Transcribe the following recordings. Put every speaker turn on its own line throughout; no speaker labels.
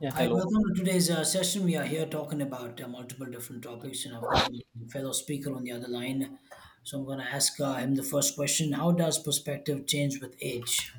Yeah,
Hi,
hello.
welcome to today's session. We are here talking about multiple different topics, and I've got my fellow speaker on the other line. So I'm going to ask him the first question. How does perspective change with age?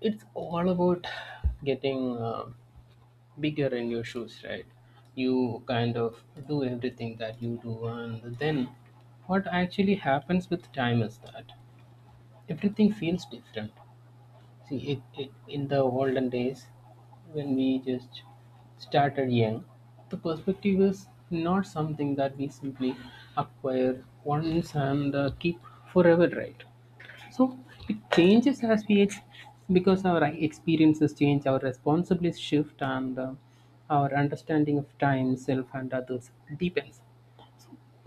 It's all about getting bigger in your shoes, right? You kind of do everything that you do, and then what actually happens with time is that everything feels different. See, in the olden days, when we just started young, the perspective is not something that we simply acquire once and keep forever, right? So it changes as we age because our experiences change, our responsibilities shift, and our understanding of time, self, and others deepens.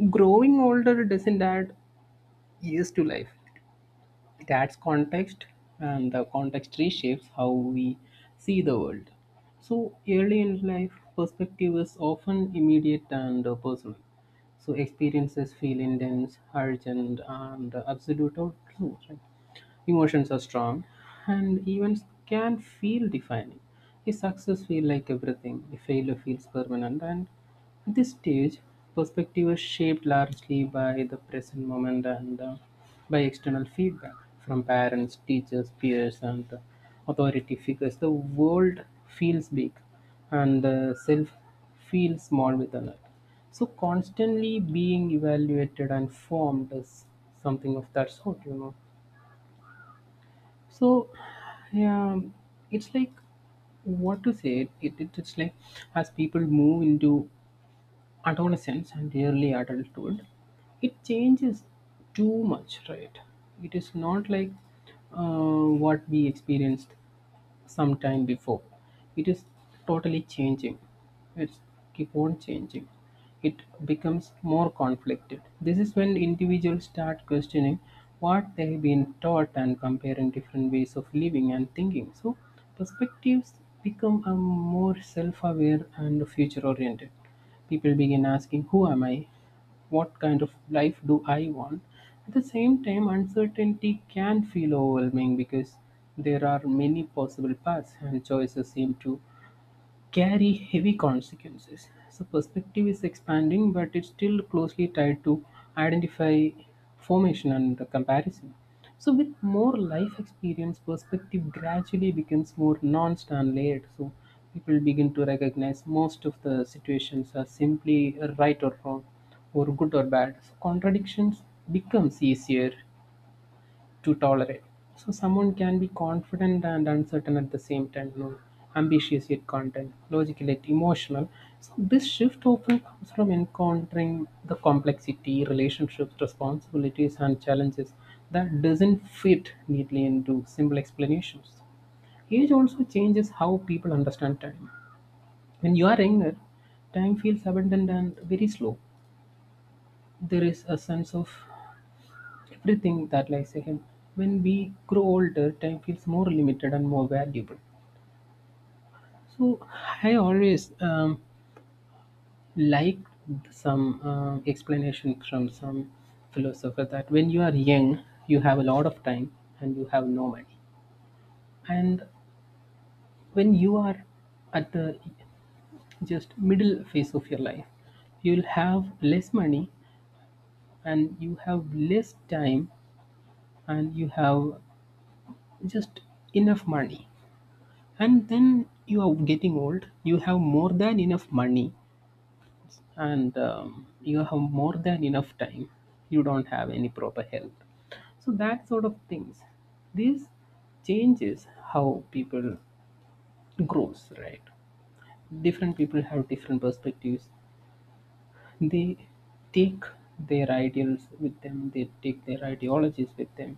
Growing older doesn't add years to life, it adds context, and the context reshapes how we see the world. So, early in life, perspective is often immediate and personal, so experiences feel intense, urgent, and absolute or true, right? Emotions are strong and events can feel defining. A success feels like everything, a failure feels permanent, and at this stage perspective is shaped largely by the present moment and by external feedback from parents, teachers, peers, and authority figures. The world feels big and the self feels small within it, so constantly being evaluated and formed is something of that sort, So yeah, it's like what to say. It's like as people move into adolescence and early adulthood, it changes too much, right? It is not like what we experienced some time before. It is totally changing. It's keep on changing. It becomes more conflicted. This is when individuals start questioning what they've been taught and comparing different ways of living and thinking. So perspectives become more self-aware and future-oriented. People begin asking, who am I, what kind of life do I want? At the same time, uncertainty can feel overwhelming because there are many possible paths and choices seem to carry heavy consequences. So perspective is expanding, but it's still closely tied to identify formation and the comparison. So with more life experience, perspective gradually becomes more non-stand layered. So people begin to recognize most of the situations are simply right or wrong, or good or bad. So contradictions becomes easier to tolerate. So someone can be confident and uncertain at the same time, ambitious yet content, logical yet emotional. So this shift often comes from encountering the complexity, relationships, responsibilities, and challenges that doesn't fit neatly into simple explanations. Age also changes how people understand time. When you are younger, time feels abundant and very slow. There is a sense of everything that lies ahead. When we grow older, time feels more limited and more valuable. So I always liked some explanation from some philosopher that when you are young, you have a lot of time and you have no money, and when you are at the just middle phase of your life, you'll have less money and you have less time and you have just enough money, and then you are getting old, you have more than enough money and you have more than enough time, you don't have any proper health, so that sort of things. This changes how people grows, right? Different people have different perspectives. They take their ideals with them. They take their ideologies with them.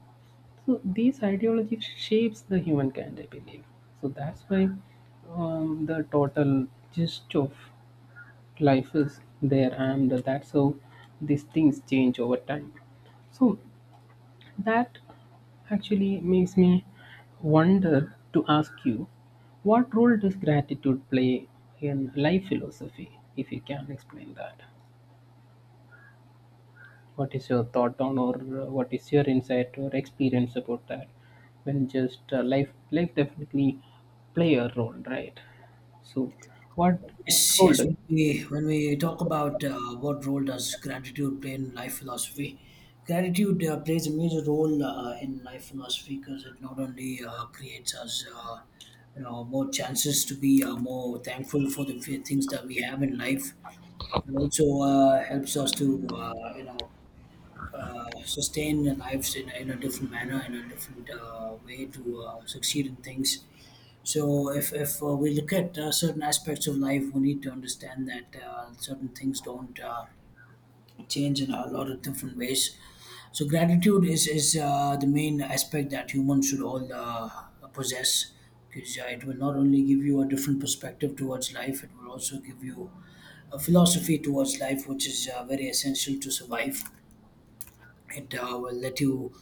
So these ideologies shapes the humankind, I believe. So that's why the total gist of life is there, and that's how these things change over time. So that actually makes me wonder to ask you, what role does gratitude play in life philosophy, if you can explain that? What is your thought on, or what is your insight or experience about that? When just life, definitely play a role, right? So, what
Yes,
role?
yes. When
Do-
we, when we talk about what role does gratitude play in life philosophy, gratitude plays a major role in life philosophy because it not only creates us. You know, more chances to be more thankful for the things that we have in life. It also helps us to, sustain the lives in a different manner, in a different way to succeed in things. So if we look at certain aspects of life, we need to understand that certain things don't change in a lot of different ways. So gratitude is the main aspect that humans should all possess because it will not only give you a different perspective towards life, it will also give you a philosophy towards life which is very essential to survive. It will let you,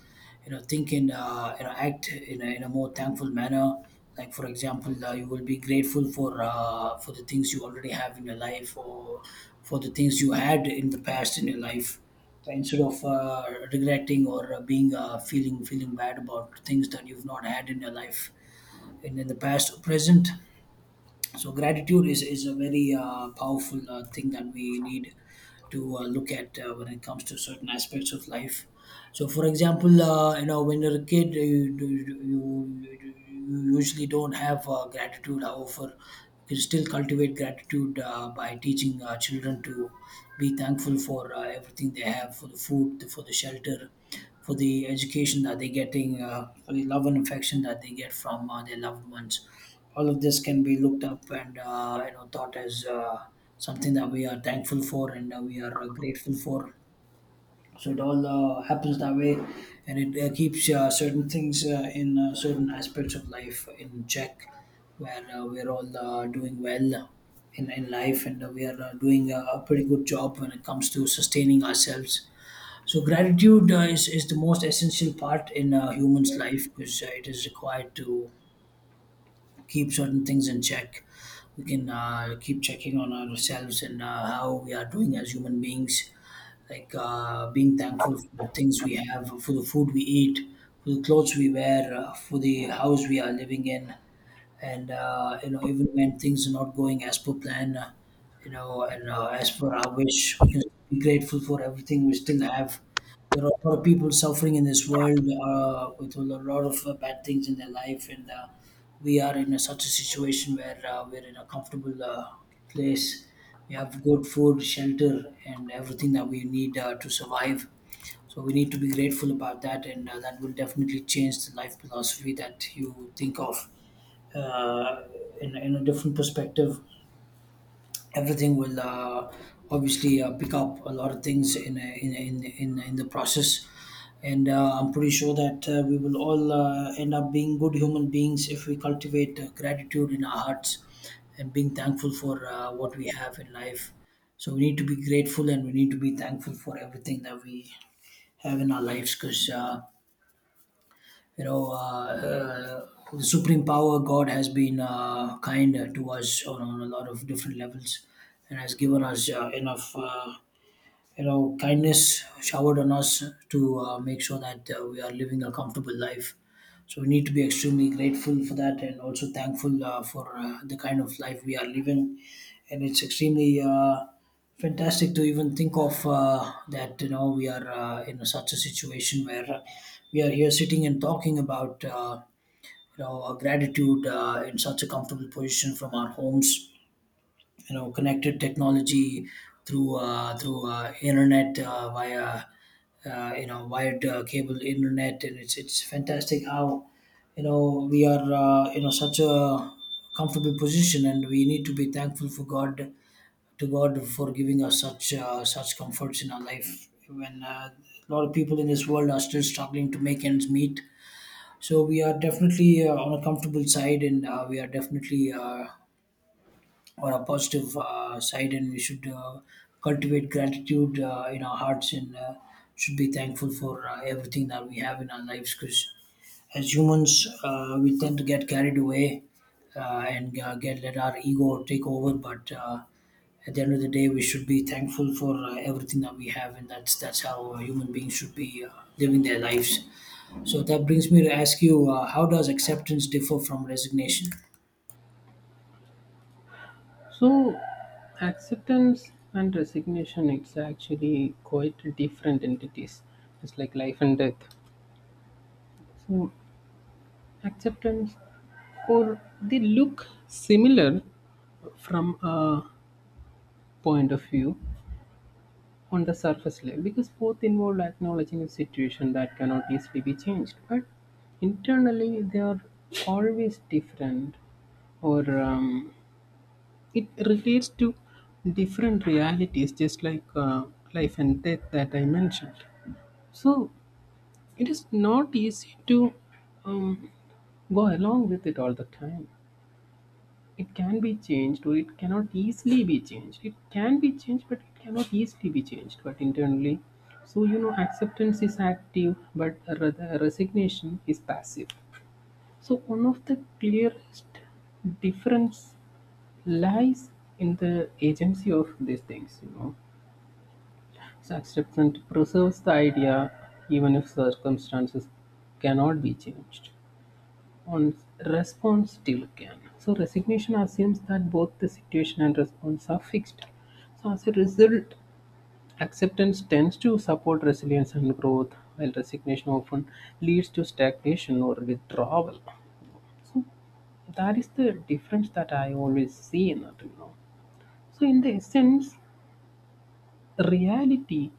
you know, think in, you know, act in a more thankful manner. Like for example, you will be grateful for the things you already have in your life, or for the things you had in the past in your life. Instead of regretting or being feeling bad about things that you've not had in your life in the past or present. So gratitude is a very powerful thing that we need to look at when it comes to certain aspects of life. So for example, you know, when you're a kid, you usually don't have gratitude. However, you can still cultivate gratitude by teaching children to be thankful for everything they have, for the food, for the shelter, for the education that they're getting, for the love and affection that they get from their loved ones. All of this can be looked up and you know, thought as something that we are thankful for and we are grateful for. So it all happens that way, and it keeps certain things in certain aspects of life in check, where we're all doing well in life, and we are doing a pretty good job when it comes to sustaining ourselves. So gratitude is the most essential part in a human's life because it is required to keep certain things in check. We can keep checking on ourselves and how we are doing as human beings, like being thankful for the things we have, for the food we eat, for the clothes we wear, for the house we are living in, and you know, even when things are not going as per plan, you know, and as per our wish, we can be grateful for everything we still have. There are a lot of people suffering in this world, with a lot of bad things in their life, and we are in a, such a situation where we're in a comfortable place. We have good food, shelter, and everything that we need to survive. So we need to be grateful about that, and that will definitely change the life philosophy that you think of uh, in a different perspective. Everything will obviously pick up a lot of things in a- in a- in, in the process, and I'm pretty sure that we will all end up being good human beings if we cultivate gratitude in our hearts and being thankful for what we have in life. So we need to be grateful, and we need to be thankful for everything that we have in our lives because, you know, the supreme power God has been kind to us on a lot of different levels and has given us enough, you know, kindness showered on us to make sure that we are living a comfortable life. So we need to be extremely grateful for that, and also thankful for the kind of life we are living. And it's extremely fantastic to even think of that, you know, we are in such a situation where we are here sitting and talking about you know, our gratitude in such a comfortable position from our homes, you know, connected technology through internet via you know, wired cable internet. And it's fantastic how, you know, we are you know, such a comfortable position, and we need to be thankful for God, to God, for giving us such such comforts in our life when a lot of people in this world are still struggling to make ends meet. So we are definitely on a comfortable side, and we are definitely or a positive side, and we should cultivate gratitude in our hearts, and should be thankful for everything that we have in our lives because, as humans, we tend to get carried away, and get, let our ego take over. But at the end of the day, we should be thankful for everything that we have, and that's how human beings should be living their lives. So that brings me to ask you, how does acceptance differ from resignation?
So, acceptance and resignation. It's actually quite different entities. It's like life and death. So, acceptance, or they look similar from a point of view on the surface level because both involve acknowledging a situation that cannot easily be changed, but internally they are always different, or it relates to different realities just like life and death that I mentioned. So it is not easy to um, go along with it all the time. It can be changed or it cannot easily be changed. It can be changed, but it cannot easily be changed. But internally, so you know, acceptance is active, but rather resignation is passive. So one of the clearest difference lies in the agency of these things, you know. So acceptance preserves the idea even if circumstances cannot be changed. On response still can. So resignation assumes that both the situation and response are fixed. So as a result, acceptance tends to support resilience and growth, while resignation often leads to stagnation or withdrawal. So that is the difference that I always see in it, you know. So in the essence, reality,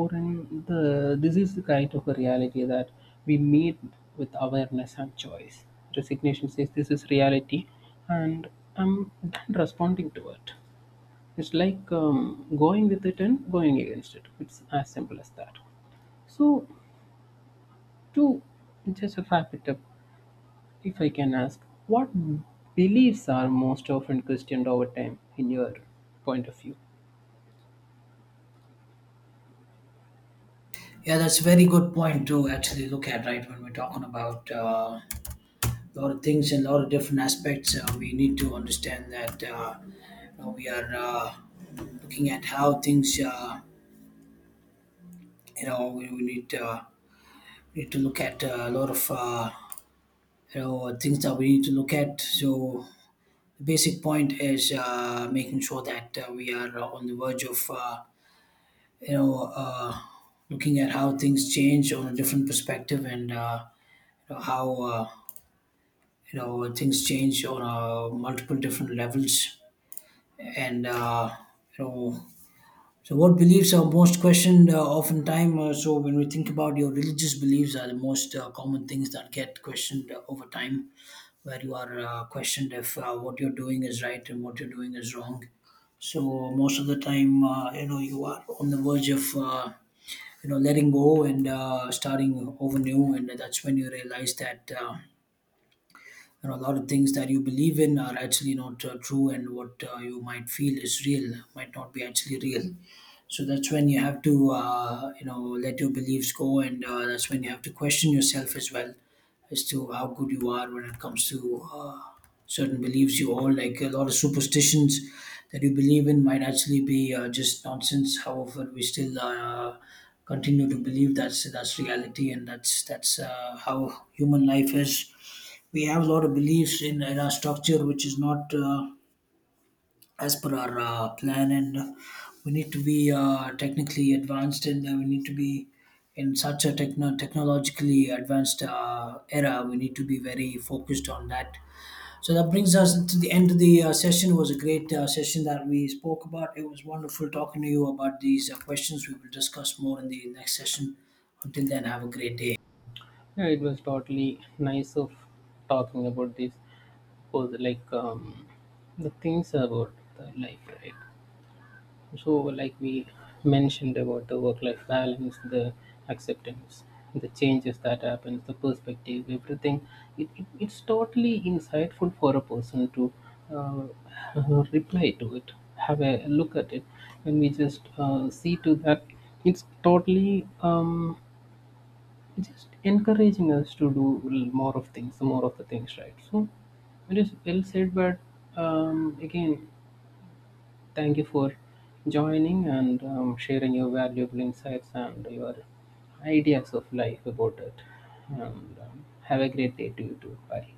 or in the, this is the kind of a reality that we meet with awareness and choice. Resignation says, this is reality and I'm done responding to it. It's like going with it and going against it, it's as simple as that. So, to just wrap it up, if I can ask, what beliefs are most often questioned over time in your point of view?
Yeah, that's a very good point to actually look at, right? When we're talking about a lot of things and a lot of different aspects, we need to understand that you know, we are looking at how things, we need to look at a lot of you know, things that we need to look at. So the basic point is making sure that we are on the verge of you know uh, looking at how things change on a different perspective. And know, how you know, things change on multiple different levels, and you know, so what beliefs are most questioned oftentimes. Uh, so when we think about, your religious beliefs are the most common things that get questioned over time, where you are questioned if what you're doing is right and what you're doing is wrong. So most of the time, you know, you are on the verge of, you know, letting go, and starting over new. And that's when you realize that you know, a lot of things that you believe in are actually not true, and what you might feel is real might not be actually real. So that's when you have to you know, let your beliefs go, and that's when you have to question yourself as well, as to how good you are when it comes to uh, certain beliefs you hold, like a lot of superstitions that you believe in might actually be just nonsense. However, we still continue to believe that's reality, and that's that's how human life is. We have a lot of beliefs in our structure, which is not as per our plan, and we need to be technically advanced, and we need to be in such a technologically advanced era. We need to be very focused on that. So that brings us to the end of the session. It was a great session that we spoke about. It was wonderful talking to you about these questions. We will discuss more in the next session. Until then, have a great day.
Yeah, it was totally nice of talking about this. Was like the things about the life, right? So, like we mentioned about the work-life balance, the acceptance, the changes that happens, the perspective, everything. It's totally insightful for a person to uh, reply to it, have a look at it. When we just see to that, it's totally just encouraging us to do l- more of things, more of the things, right? So it is well said, but again, thank you for joining and sharing your valuable insights and your ideas of life about it. And have a great day to you too. Bye.